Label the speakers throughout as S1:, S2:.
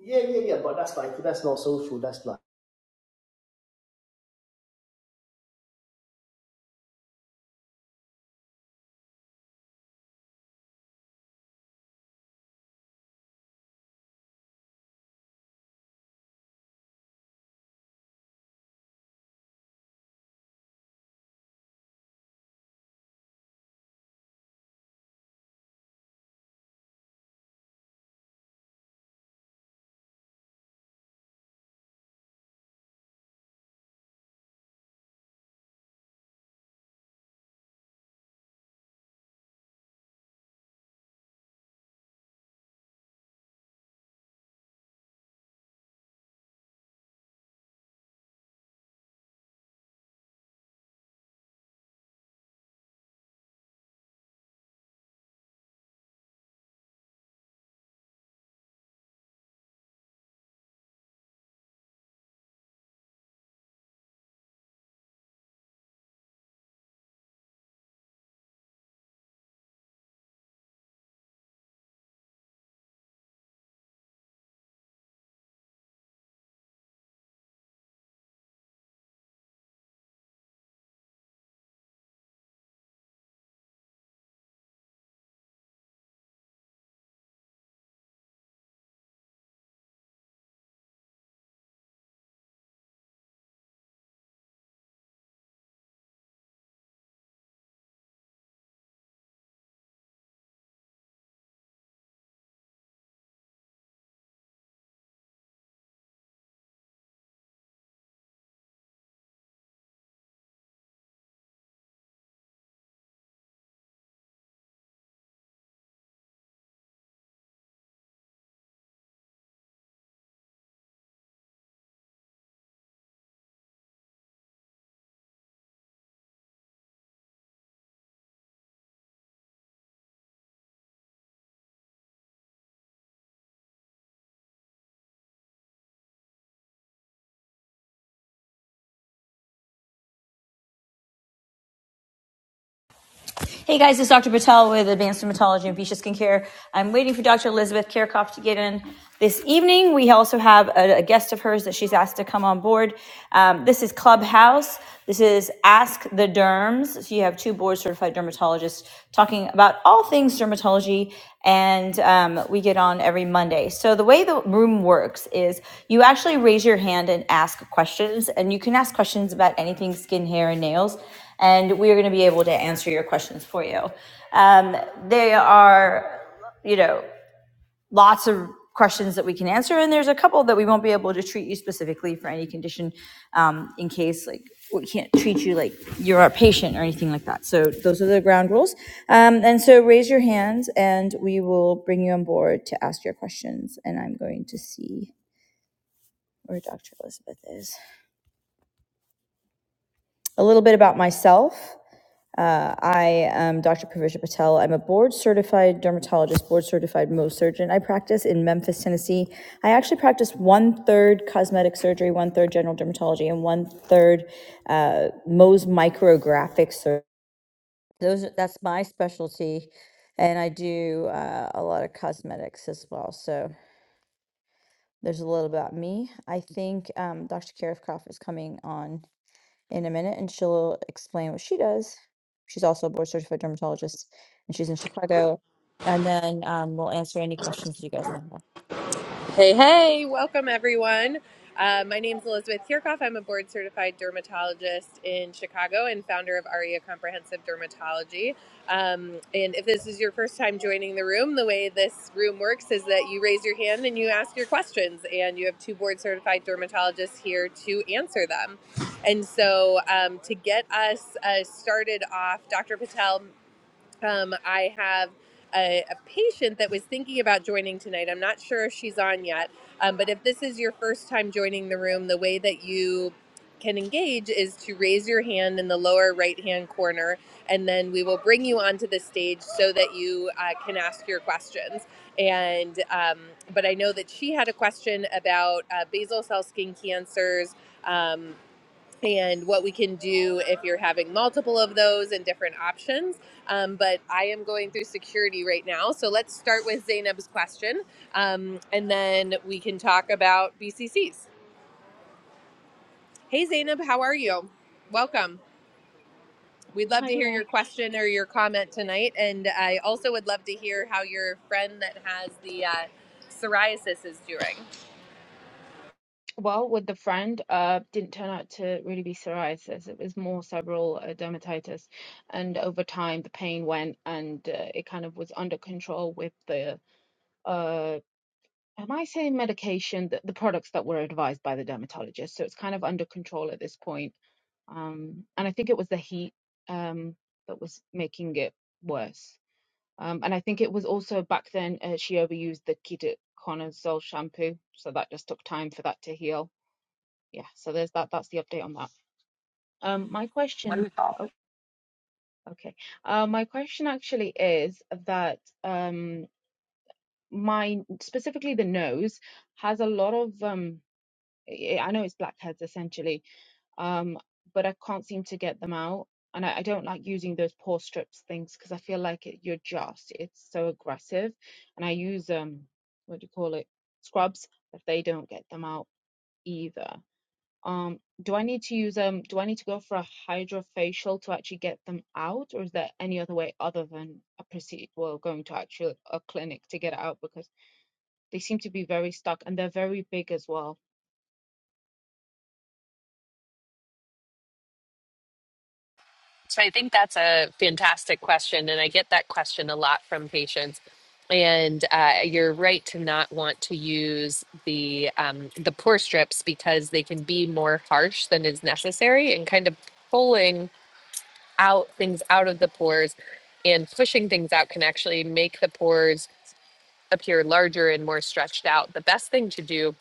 S1: Yeah, yeah, yeah, but that's like that's not social. That's like Hey guys, it's Dr. Patel with Advanced Dermatology and Fuchsia Skincare. I'm waiting for Dr. Elizabeth Kirchhoff to get in this evening. We also have a, a guest of hers that she's asked to come on board. Um, this is Clubhouse. This is Ask the Derms. So you have two board certified dermatologists talking about all things dermatology, and um, we get on every Monday. So the way the room works is you actually raise your hand and ask questions, and you can ask questions about anything skin, hair, and nails and we're going to be able to answer your questions for you. Um, there are, you know, lots of questions that we can answer, and there's a couple that we won't be able to treat you specifically for any condition um, in case, like, we can't treat you like you're our patient or anything like that. So those are the ground rules. Um, and so raise your hands, and we will bring you on board to ask your questions. And I'm going to see where Dr. Elizabeth is. A little bit about myself. I am Dr. Pravisha Patel. I'm a board certified dermatologist, board certified Mohs surgeon. I practice in Memphis, Tennessee. I actually practice one third cosmetic surgery, one third general dermatology, and one third uh, Mohs micrographic surgery. Those that's my specialty, and I do uh, a lot of cosmetics as well. So there's a little about me. I think um, Dr. Karifkoff is coming on in a minute and she'll explain what she does. She's also a board certified dermatologist and she's in Chicago. And then um, we'll answer any questions you guys may have.
S2: Hey, hey, welcome everyone. Uh, my name is Elizabeth Kirchhoff. I'm a board certified dermatologist in Chicago and founder of ARIA Comprehensive Dermatology. Um, and if this is your first time joining the room, the way this room works is that you raise your hand and you ask your questions, and you have two board certified dermatologists here to answer them. And so um, to get us uh, started off, Dr. Patel um, I have a, a patient that was thinking about joining tonight. I'm not sure if she's on yet, um, but if this is your first time joining the room, the way that you can engage is to raise your hand in the lower right hand corner, and then we will bring you onto the stage so that you uh, can ask your questions. And um, but I know that she had a question about uh, basal cell skin cancers. Um, and what we can do if you're having multiple of those and different options. Um, but I am going through security right now. So let's start with Zainab's question um, and then we can talk about BCCs. Hey, Zainab, how are you? Welcome. We'd love to
S3: Hi,
S2: hear
S3: uh,
S2: your question or your comment tonight. And I also would love to hear how your friend that has the uh, psoriasis is doing.
S3: well, with the friend, uh, didn't turn out to really be psoriasis. It was more several uh, dermatitis, and over time the pain went, and uh, it kind of was under control with the uh, am I saying medication? The, the products that were advised by the dermatologist. So it's kind of under control at this point. Um, and I think it was the heat um that was making it worse. Um, and I think it was also back then uh, she overused the ketoconazole shampoo, so that just took time for that to heal yeah so there's that that's the update on that um my question oh okay uh my question actually is that um my specifically the nose has a lot of um i I know it's blackheads essentially um but i can't seem to get them out and i, I don't like using those pore strips things because i feel like it, you're just it's so aggressive and i use um what do you call it scrubs but they don't get them out either Um, do I need to use um do I need to go for a hydrofacial to actually get them out, or is there any other way other than a proceed? well, going to actually a clinic to get it out because they seem to be very stuck and they're very big as well.
S2: So I think that's a fantastic question, and I get that question a lot from patients. And uh, you're right to not want to use the um, the pore strips because they can be more harsh than is necessary, and kind of pulling out things out of the pores and pushing things out can actually make the pores appear larger and more stretched out. The best thing to do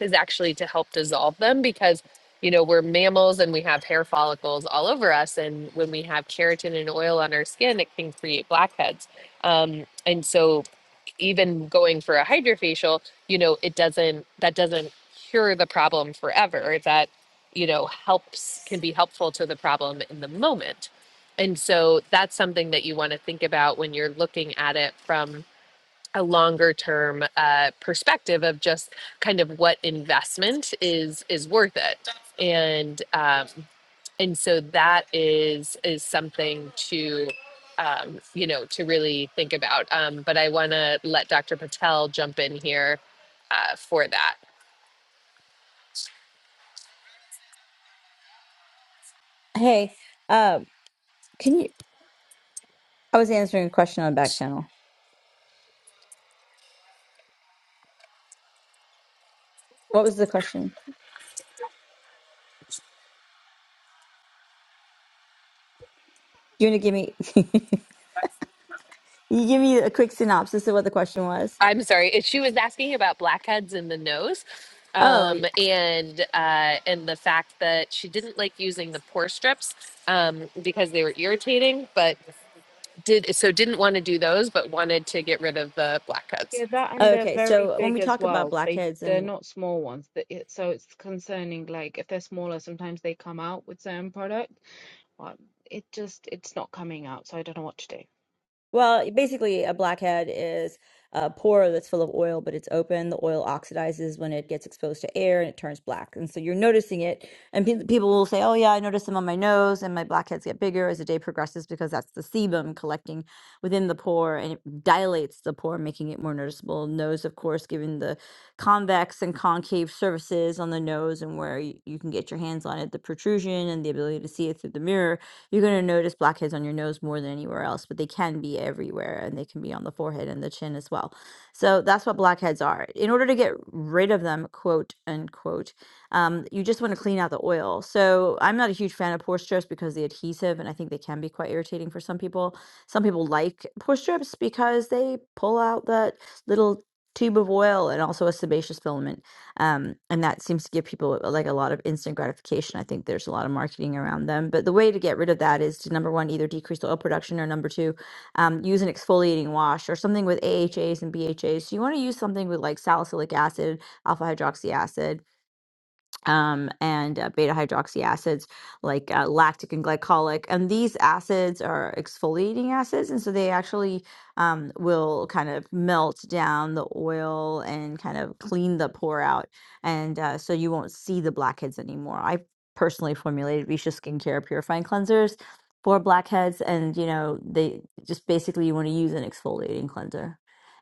S2: is actually to help dissolve them because you know we're mammals and we have hair follicles all over us and when we have keratin and oil on our skin it can create blackheads um, and so even going for a hydrofacial you know it doesn't that doesn't cure the problem forever that you know helps can be helpful to the problem in the moment and so that's something that you want to think about when you're looking at it from a longer term uh, perspective of just kind of what investment is is worth it and um, and so that is is something to um, you know to really think about um, but i want to let dr patel jump in here uh, for that
S1: Hey, um, can you? I was answering a question on back channel. What was the question? You want to give me? you give me a quick synopsis of what the question was.
S2: i'm sorry if she was asking about blackheads in the nose
S1: Oh,
S2: um, and uh, and the fact that she didn't like using the pore strips um, because they were irritating but did so didn't want to do those, but wanted to get rid of the black cuts.
S3: Yeah, that and they're
S1: okay.
S3: very
S1: So when
S3: big
S1: we
S3: as
S1: talk about
S3: well. They
S1: blackheads
S3: they're
S1: and.
S3: not small ones. Th- it- So it's concerning. Like if they're smaller, sometimes they come out with certain product, but it just it's not coming out. So I don't know what to do.
S1: Well, basically, a blackhead is a pore that's full of oil, but it's open. The oil oxidizes when it gets exposed to air and it turns black. And so you're noticing it. And pe- people will say, Oh, yeah, I notice them on my nose, and my blackheads get bigger as the day progresses because that's the sebum collecting within the pore and it dilates the pore, making it more noticeable. Nose, of course, given the convex and concave surfaces on the nose and where you, you can get your hands on it, the protrusion and the ability to see it through the mirror you're going to notice blackheads on your nose more than anywhere else, but they can be everywhere and they can be on the forehead and the chin as well. So that's what blackheads are. In order to get rid of them, quote unquote, um, you just want to clean out the oil. So I'm not a huge fan of pore strips because the adhesive, and I think they can be quite irritating for some people. Some people like pore strips because they pull out that little tube of oil and also a sebaceous filament um, and that seems to give people like a lot of instant gratification i think there's a lot of marketing around them but the way to get rid of that is to number one either decrease the oil production or number two um, use an exfoliating wash or something with ahas and bhas so you want to use something with like salicylic acid alpha hydroxy acid um, and uh, beta hydroxy acids like uh, lactic and glycolic. And these acids are exfoliating acids. And so they actually um, will kind of melt down the oil and kind of clean the pore out. And uh, so you won't see the blackheads anymore. I personally formulated Risha Skincare Purifying Cleansers for blackheads. And, you know, they just basically you want to use an exfoliating cleanser.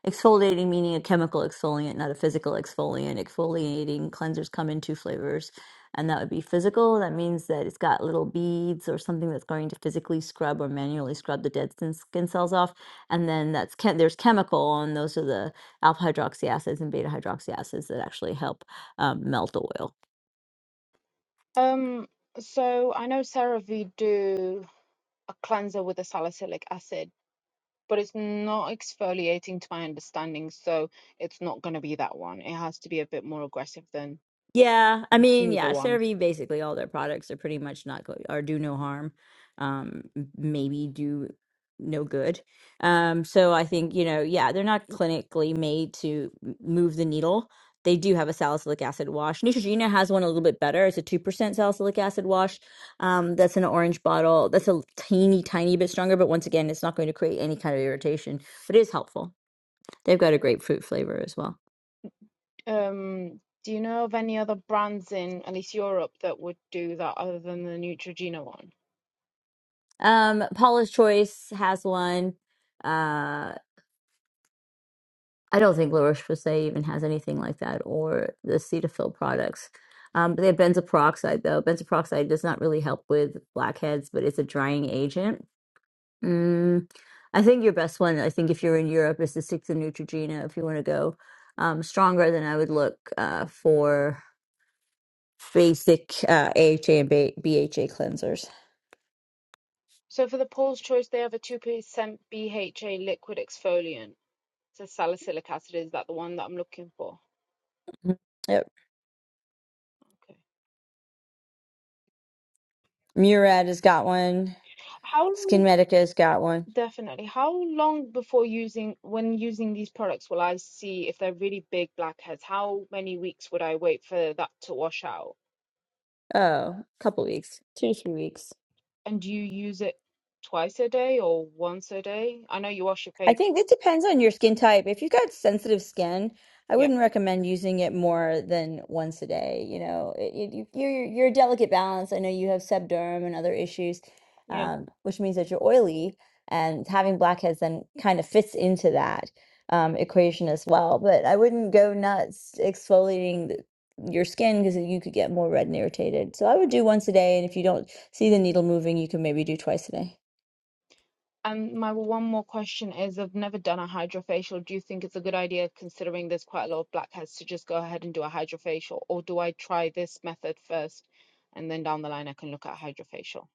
S1: Exfoliating meaning a chemical exfoliant, not a physical exfoliant. Exfoliating cleansers come in two flavors, and that would be physical. That means that it's got little beads or something that's going to physically scrub or manually scrub the dead skin skin cells off. And then that's chem- there's chemical, and those are the alpha hydroxy acids and beta hydroxy acids that actually help um, melt oil.
S3: Um, so I know CeraVe do a cleanser with a salicylic acid but it's not exfoliating to my understanding, so it's not going to be that one. It has to be a bit more aggressive than
S1: Yeah, I
S3: the
S1: mean,
S3: smoother
S1: yeah,
S3: ones.
S1: CeraVe basically all their products are pretty much not go or do no harm, um, m- maybe do no good. Um, so I think, you know, yeah, they're not clinically made to m- move the needle. They do have a salicylic acid wash. Neutrogena has one a little bit better. It's a 2% salicylic acid wash. Um, that's an orange bottle. That's a teeny tiny bit stronger, but once again, it's not going to create any kind of irritation, but it is helpful. They've got a grapefruit flavor as well.
S3: Um, do you know of any other brands in at least Europe that would do that other than the Neutrogena one?
S1: Um, Paula's Choice has one. Uh, I don't think La Roche Posay even has anything like that, or the Cetaphil products. Um, but they have benzoyl peroxide though. Benzoyl peroxide does not really help with blackheads, but it's a drying agent. Mm, I think your best one, I think if you're in Europe, is the Six of Neutrogena. If you want to go um, stronger, then I would look uh, for basic uh, AHA and B- BHA cleansers.
S3: So for the Paul's Choice, they have a 2% BHA liquid exfoliant. So salicylic acid, is that the one that I'm looking for?
S1: Mm-hmm. Yep.
S3: Okay.
S1: Murad has got one.
S3: How long
S1: Skin Medica has got one.
S3: Definitely. How long before using, when using these products, will I see if they're really big blackheads? How many weeks would I wait for that to wash out?
S1: Oh, couple weeks, two to three weeks.
S3: And do you use it twice a day or once a day? I know you wash your
S1: I
S3: face.
S1: think it depends on your skin type. If you've got sensitive skin, I
S3: Yeah,
S1: wouldn't recommend using it more than once a day. You know, it, you, you- you're you're a delicate balance. I know you have sebderm and other issues,
S3: yeah,
S1: um, which means that you're oily, and
S3: yeah.
S1: having blackheads then kind of fits into that um, equation as well. But I wouldn't go nuts exfoliating the, your skin because you could get more red and irritated. So I would do once a day, and if you don't see the needle moving, you can maybe do twice a day.
S3: And my one more question is, I've never done a hydrofacial. Do you think it's a good idea, considering there's quite a lot of blackheads, to just go ahead and do a hydrofacial, or do I try this method first, and then down the line I can look at hydrofacial?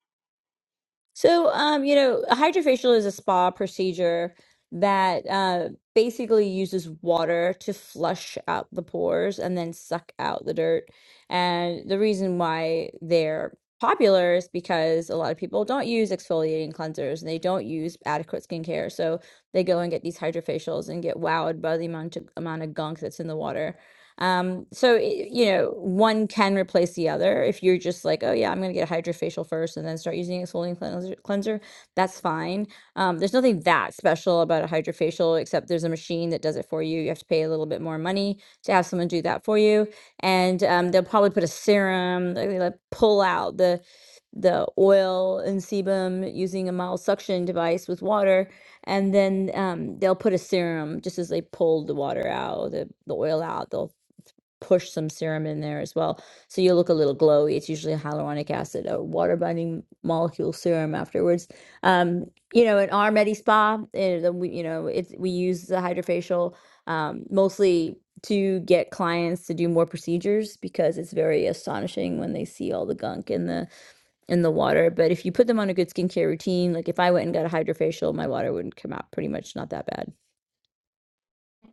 S1: So, um, you know, a hydrofacial is a spa procedure that uh, basically uses water to flush out the pores and then suck out the dirt. And the reason why they're popular is because a lot of people don't use exfoliating cleansers and they don't use adequate skincare. So they go and get these hydrofacials and get wowed by the amount of, amount of gunk that's in the water. Um, so it, you know, one can replace the other. If you're just like, oh yeah, I'm gonna get a hydrofacial first and then start using exfoliating cleanser, cleanser, that's fine. Um, there's nothing that special about a hydrofacial except there's a machine that does it for you. You have to pay a little bit more money to have someone do that for you, and um, they'll probably put a serum. like, They like pull out the the oil and sebum using a mild suction device with water and then um, they'll put a serum just as they pull the water out the, the oil out they'll push some serum in there as well. So you look a little glowy. It's usually hyaluronic acid, a water binding molecule serum afterwards. Um, you know, in our Medi Spa, eh, the- we- you know, it's we use the hydrofacial um, mostly to get clients to do more procedures because it's very astonishing when they see all the gunk in the in the water. But if you put them on a good skincare routine, like if I went and got a hydrofacial, my water wouldn't come out pretty much not that bad.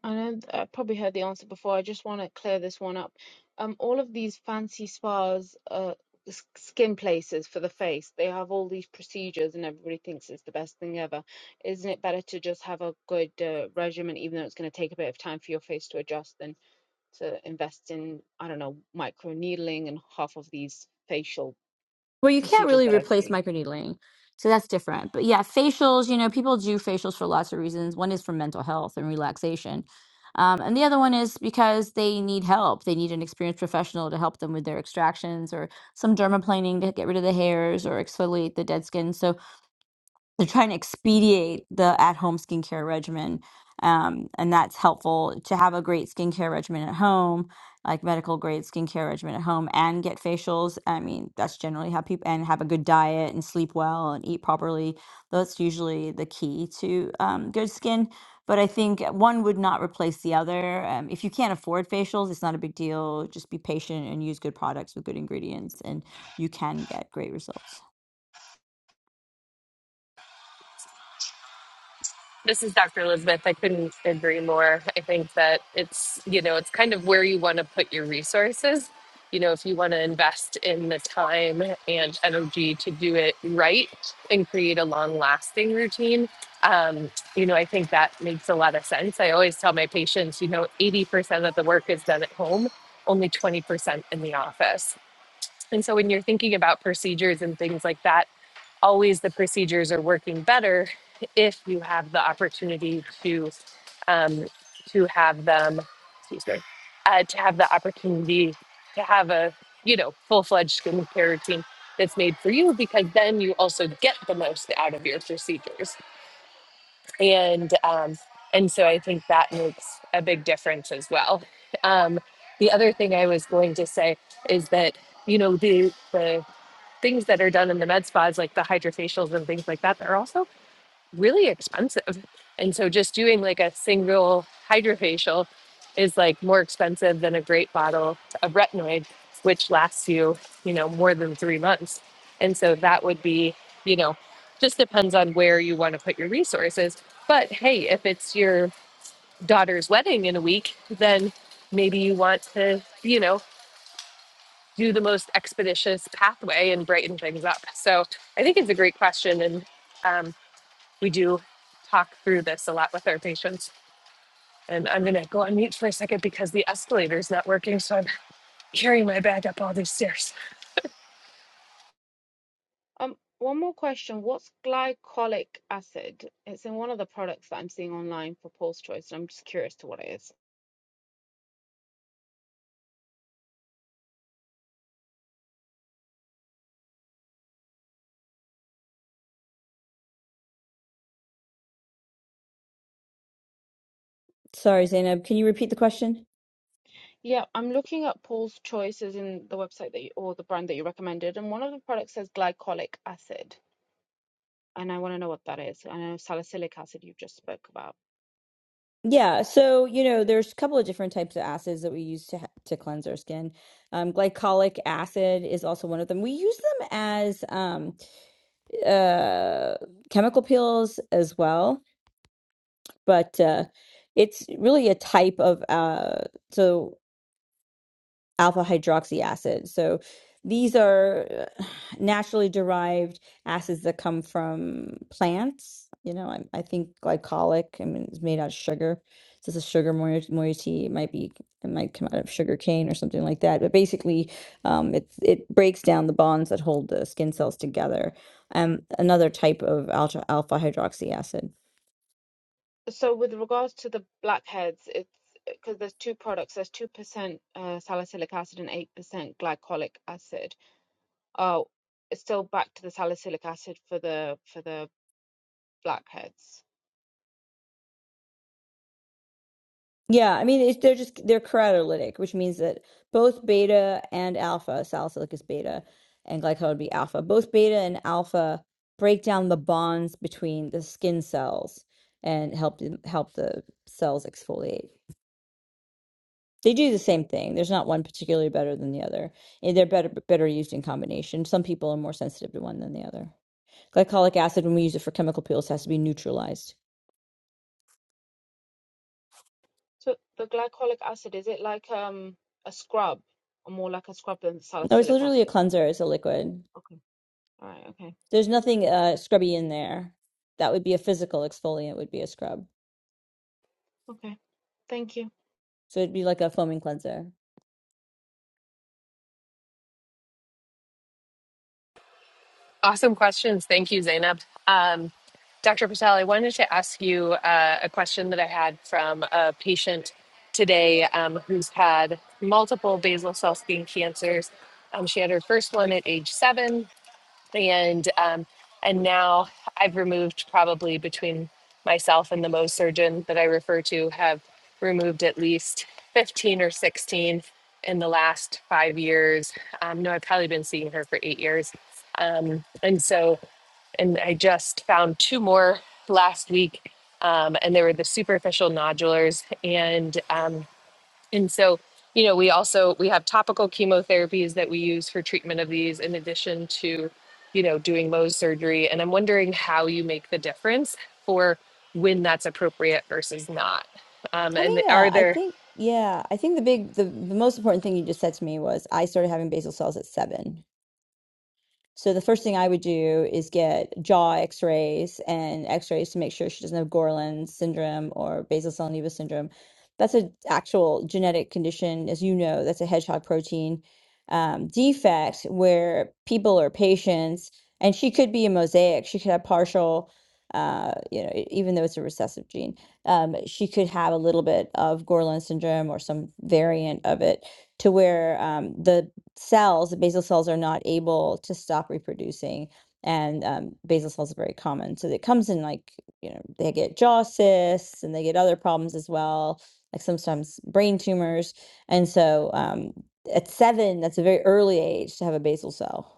S3: I know th- I probably heard the answer before. I just want to clear this one up. Um, all of these fancy spas, uh, s- skin places for the face, they have all these procedures, and everybody thinks it's the best thing ever. Isn't it better to just have a good uh, regimen, even though it's going to take a bit of time for your face to adjust, than to invest in, I don't know, micro needling and half of these facial
S1: Well, you can't
S3: procedures
S1: really
S3: that I've
S1: replace
S3: seen?
S1: microneedling. So that's different. But yeah, facials, you know, people do facials for lots of reasons. One is for mental health and relaxation. Um, and the other one is because they need help. They need an experienced professional to help them with their extractions or some dermaplaning to get rid of the hairs or exfoliate the dead skin. So they're trying to try and expedite the at-home skincare regimen um, and that's helpful to have a great skincare regimen at home like medical grade skincare regimen at home and get facials i mean that's generally how people and have a good diet and sleep well and eat properly that's usually the key to um, good skin but i think one would not replace the other um, if you can't afford facials it's not a big deal just be patient and use good products with good ingredients and you can get great results.
S2: This is Dr. Elizabeth. I couldn't agree more. I think that it's you know it's kind of where you want to put your resources. You know, if you want to invest in the time and energy to do it right and create a long-lasting routine, um, you know, I think that makes a lot of sense. I always tell my patients, you know, 80% of the work is done at home, only 20% in the office. And so when you're thinking about procedures and things like that always the procedures are working better if you have the opportunity to um, to have them excuse me, uh, to have the opportunity to have a you know full-fledged skincare routine that's made for you because then you also get the most out of your procedures and um, and so i think that makes a big difference as well um, the other thing i was going to say is that you know the the things that are done in the med spas, like the hydrofacials and things like that, that are also really expensive. And so just doing like a single hydrofacial is like more expensive than a great bottle of retinoid, which lasts you, you know, more than three months. And so that would be, you know, just depends on where you want to put your resources. But hey, if it's your daughter's wedding in a week, then maybe you want to, you know, do the most expeditious pathway and brighten things up? So I think it's a great question. And um, we do talk through this a lot with our patients. And I'm going to go on mute for a second because the escalator is not working. So I'm carrying my bag up all these stairs.
S3: Um, one more question. What's glycolic acid? It's in one of the products that I'm seeing online for Paul's Choice, and I'm just curious to what it is.
S1: Sorry, Zainab, can you repeat the question?
S3: Yeah, I'm looking at Paul's Choice as in the website that you, or the brand that you recommended, and one of the products says glycolic acid, and I want to know what that is. I know salicylic acid you just spoke about.
S1: Yeah, so you know, there's a couple of different types of acids that we use to ha to cleanse our skin. Um, glycolic acid is also one of them. We use them as um, uh, chemical peels as well. but uh, it's really a type of uh, so alpha hydroxy acid. So these are uh, naturally derived acids that come from plants. You know, I, I think glycolic. I mean, it's made out of sugar. So it's a sugar moiety. moiety. It might be. It might come out of sugar cane or something like that. But basically, um, it it breaks down the bonds that hold the skin cells together. Um, another type of alpha alpha hydroxy acid.
S3: So with regards to the blackheads, it's because there's two products. There's 2% uh, salicylic acid and 8% glycolic acid. Oh, it's still back to the salicylic acid for the for the blackheads.
S1: Yeah, I mean, it, they're just they're keratolytic, which means that both beta and alpha, salicylic is beta, and glycol would be alpha. Both beta and alpha break down the bonds between the skin cells and help them- help the cells exfoliate. They do the same thing. There's not one particularly better than the other. And They're better better used in combination. Some people are more sensitive to one than the other. Glycolic acid, when we use it for chemical peels, has to be neutralized.
S3: So the glycolic acid. Is it like um a scrub or more like a scrub than
S1: No, it's
S3: salicylic
S1: literally a
S3: acid?
S1: cleanser. It's a liquid.
S3: Okay. All right. Okay.
S1: There's nothing uh, scrubby in there. That would be a physical exfoliant. Would be a scrub.
S3: Okay. Thank you.
S1: So it'd be like a foaming cleanser.
S2: Awesome questions. Thank you, Zainab. Um, Dr. Patel, I wanted to ask you uh, a question that I had from a patient today um, who's had multiple basal cell skin cancers. Um, she had her first one at age seven and um, and now I've removed probably between myself and the Mohs surgeon that I refer to have removed at least 15 or 16 in the last five years. Um, no, I've probably been seeing her for eight years. Um, and so, and I just found two more last week. Um, and they were the superficial nodulars. And um, and so, you know, we also we have topical chemotherapies that we use for treatment of these in addition to, you know, doing Mohs surgery. And I'm wondering how you make the difference for when that's appropriate versus not. Um,
S1: Having
S2: and are
S1: a, I
S2: there,
S1: think, yeah, I think the big, the the most important thing you just said to me was I started having basal cells at seven. So the first thing I would do is get jaw x-rays and x-rays to make sure she doesn't have Gorlin syndrome or basal cell nevus syndrome. That's an actual genetic condition, as you know, that's a hedgehog protein um, defect where people or patients, and she could be a mosaic. She could have partial, uh, you know, e- even though it's a recessive gene, um, she could have a little bit of Gorlin syndrome or some variant of it to where um, the cells, the basal cells are not able to stop reproducing. And um, basal cells are very common. So it comes in like, you know, they get jaw cysts and they get other problems as well, like sometimes brain tumors. And so um, at seven, that's a very early age to have a basal cell.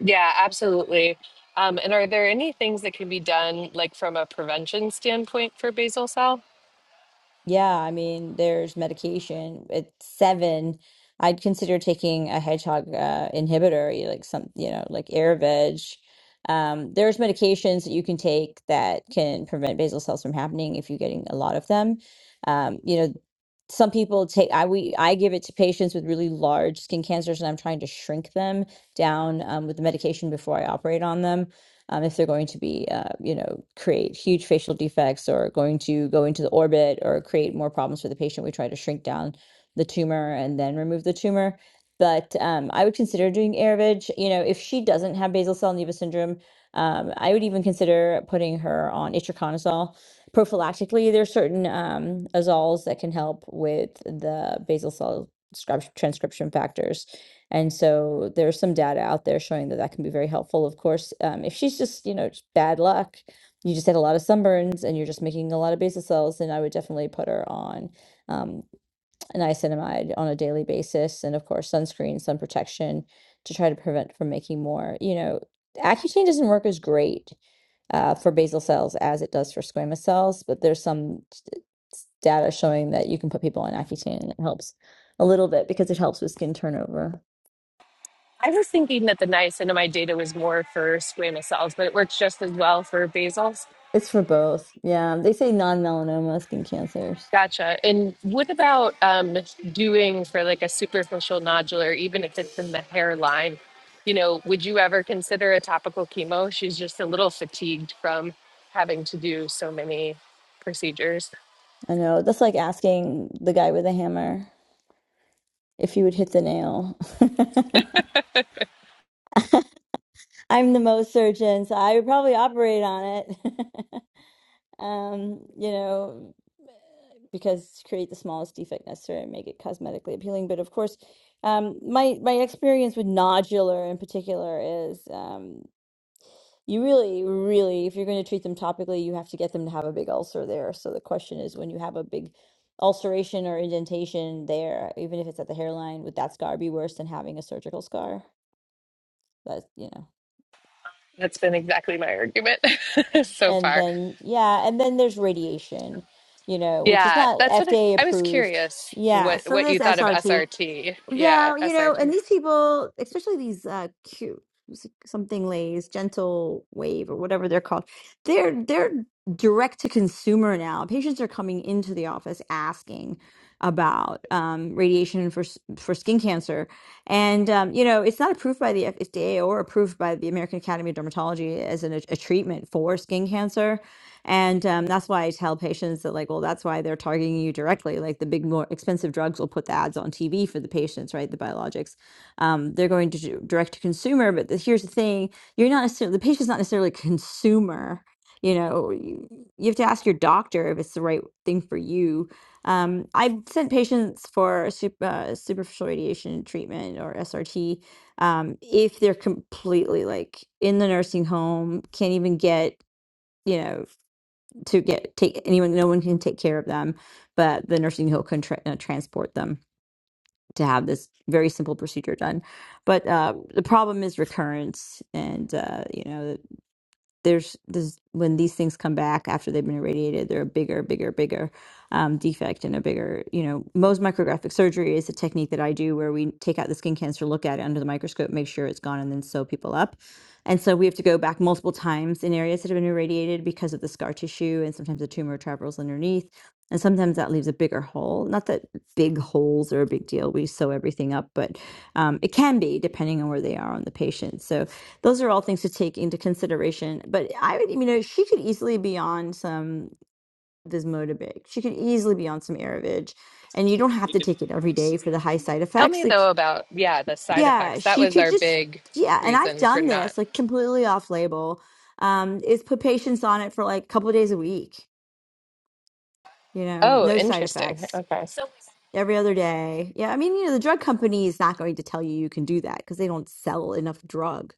S2: yeah, absolutely. Um, and are there any things that can be done like from a prevention standpoint for basal cell?
S1: Yeah, I mean, there's medication. At seven, I'd consider taking a hedgehog uh, inhibitor, you- like some, you know, like Ayurved. Um, there's medications that you can take that can prevent basal cells from happening if you're getting a lot of them. Um, you know, some people take, I we I give it to patients with really large skin cancers, and I'm trying to shrink them down um, with the medication before I operate on them um, if they're going to be, uh, you know, create huge facial defects or going to go into the orbit or create more problems for the patient. We try to shrink down the tumor and then remove the tumor. But um, I would consider doing Airovig. You know, if she doesn't have basal cell nevus syndrome, um, I would even consider putting her on itraconazole prophylactically, there's certain um, azoles that can help with the basal cell scrub- transcription factors. And so there's some data out there showing that that can be very helpful. Of course, um, if she's just, you know, just bad luck, you just had a lot of sunburns and you're just making a lot of basal cells, then I would definitely put her on um, niacinamide on a daily basis. And of course, sunscreen, sun protection to try to prevent from making more. You know, Accutane doesn't work as great uh, for basal cells as it does for squamous cells, but there's some s- data showing that you can put people on Accutane and it helps a little bit because it helps with skin turnover.
S2: I was thinking that the niacin in my data was more for squamous cells, but it works just as well for basals.
S1: It's for both. Yeah, they say non-melanoma skin cancers.
S2: Gotcha. And what about um, doing for like a superficial nodular, even if it's in the hairline? You know, would you ever consider a topical chemo? She's just a little fatigued from having to do so many procedures.
S1: I know. That's like asking the guy with a hammer if he would hit the nail. I'm the most surgeon, so I would probably operate on it. um, you know, because create the smallest defect necessary and make it cosmetically appealing. But of course, um, my my experience with nodular in particular is um, You really, really, if you're going to treat them topically, you have to get them to have a big ulcer there. So the question is when you have a big ulceration or indentation there, even if it's at the hairline, would that scar be worse than having a surgical scar? That's, you know.
S2: That's been exactly my argument so
S1: And
S2: far.
S1: then, yeah, and then there's radiation, you know, which is
S2: Yeah,
S1: not
S2: that's what I,
S1: FDA
S2: I was
S1: approved.
S2: curious
S1: Yeah,
S2: what
S1: so
S2: what
S1: there's
S2: you thought of
S1: SRT.
S2: SRT. Yeah,
S1: Yeah, you know, and
S2: SRT.
S1: these people, especially these uh cute s- something lays, gentle wave or whatever they're called, they're they're direct to consumer now. Patients are coming into the office asking about um radiation for s- for skin cancer. And um, you know, it's not approved by the FDA or approved by the American Academy of Dermatology as an, a treatment for skin cancer. And um, that's why I tell patients that, like, well, that's why they're targeting you directly. Like, the big, more expensive drugs will put the ads on TV for the patients, right? The biologics. Um, they're going to do direct to consumer. But the, here's the thing you're not necessarily, the patient's not necessarily a consumer. You know, you, you have to ask your doctor if it's the right thing for you. Um, I've sent patients for sup- uh, superficial radiation treatment or SRT um, if they're completely like in the nursing home, can't even get you know to get take anyone no one can take care of them but the nursing home can tra- uh, transport them to have this very simple procedure done but uh, the problem is recurrence and uh, you know there's this when these things come back after they've been irradiated, they're a bigger, bigger, bigger um, defect and a bigger, you know, Mohs micrographic surgery is a technique that I do where we take out the skin cancer, look at it under the microscope, make sure it's gone, and then sew people up. And so we have to go back multiple times in areas that have been irradiated because of the scar tissue, and sometimes the tumor travels underneath, and sometimes that leaves a bigger hole. Not that big holes are a big deal; we sew everything up, but um, it can be depending on where they are on the patient. So those are all things to take into consideration. But I would, you know, she could easily be on some this Motabig. She could easily be on some Aravage, and you don't have to take it every day for the high side
S2: Tell
S1: effects.
S2: me
S1: Like,
S2: though about yeah, the side
S1: yeah,
S2: effects. That
S1: she
S2: was
S1: could
S2: our
S1: just,
S2: big
S1: yeah. And I've
S2: reason for
S1: done
S2: not.
S1: this like completely off label. Um, is put patients on it for like a couple of days a week. You know,
S2: Oh,
S1: no side
S2: interesting.
S1: effects.
S2: Okay.
S1: Every other day. Yeah, I mean, you know, the drug company is not going to tell you you can do that because they don't sell enough drug,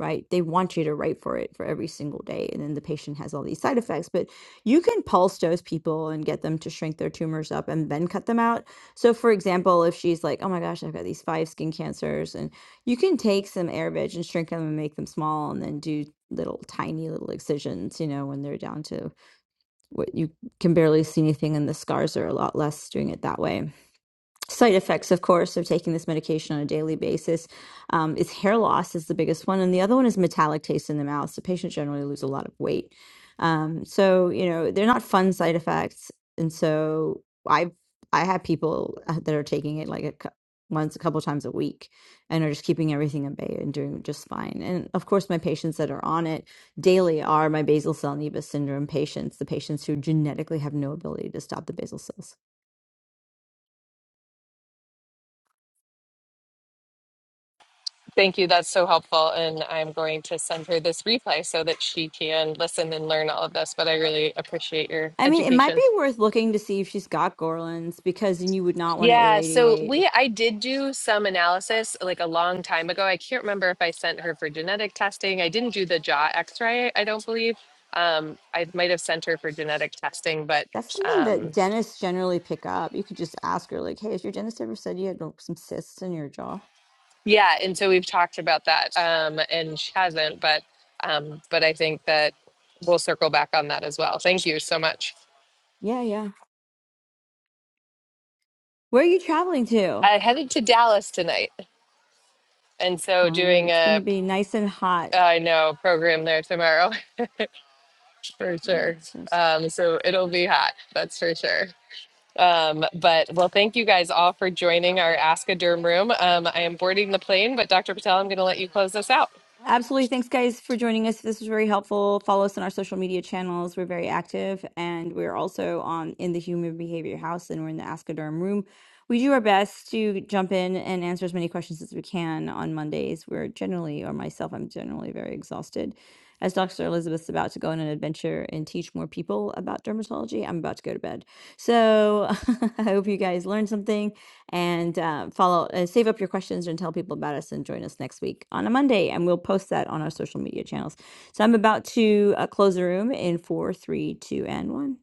S1: right? They want you to write for it for every single day. And then the patient has all these side effects. But you can pulse dose people and get them to shrink their tumors up and then cut them out. So, for example, if she's like, oh my gosh, I've got these five skin cancers, and you can take some AirVeg and shrink them and make them small and then do little tiny little excisions, you know, when they're down to what you can barely see anything and the scars are a lot less doing it that way side effects, of course, of taking this medication on a daily basis um, is hair loss is the biggest one, and the other one is metallic taste in the mouth. So patients generally lose a lot of weight. Um, so you know they're not fun side effects, and so I've I have people uh, that are taking it like a cou- once a couple times a week and are just keeping everything at bay and doing just fine. And of course, my patients that are on it daily are my basal cell nevus syndrome patients, the patients who genetically have no ability to stop the basal cell
S2: Thank you. That's so helpful. And I'm going to send her this replay so that she can listen and learn all of this. But I really appreciate your
S1: I mean, it might
S2: education.
S1: be worth looking to see if she's got Gorlins because then you would not want to
S2: Yeah. So
S1: irradiate.
S2: we, I did do some analysis like a long time ago. I can't remember if I sent her for genetic testing. I didn't do the jaw x ray, I don't believe. Um, I might have sent her for genetic testing, but
S1: That's something
S2: um,
S1: that dentists generally pick up. You could just ask her, like, hey, has your dentist ever said you had like, some cysts in your jaw?
S2: yeah. And so we've talked about that. Um, and she hasn't, but, um, but I think that we'll circle back on that as well. Thank you so much.
S1: Yeah, yeah. Where are you traveling to?
S2: I headed to Dallas tonight, and
S1: It's
S2: so
S1: fun.
S2: doing
S1: It's going
S2: a
S1: to be nice and hot.
S2: I know program there tomorrow for sure.
S1: Yeah.
S2: Um, so it'll be hot, that's for sure. Um, but well, thank you guys all for joining our Ask a Derm room. Um, I am boarding the plane, but Dr. Patel, I'm going to let you close us out.
S1: Absolutely. Thanks, guys, for joining us. This was very helpful. Follow us on our social media channels. We're very active, and we're also on in the Human Behavior House, and we're in the Askoderm Room. We do our best to jump in and answer as many questions as we can on Mondays. We're generally, or myself, I'm generally very exhausted. As Dr. Elizabeth's about to go on an adventure and teach more people about dermatology, I'm about to go to bed. So I hope you guys learned something and uh, follow, uh, save up your questions and tell people about us and join us next week on a Monday. And we'll post that on our social media channels. So I'm about to uh, close the room in four, three, two, and one.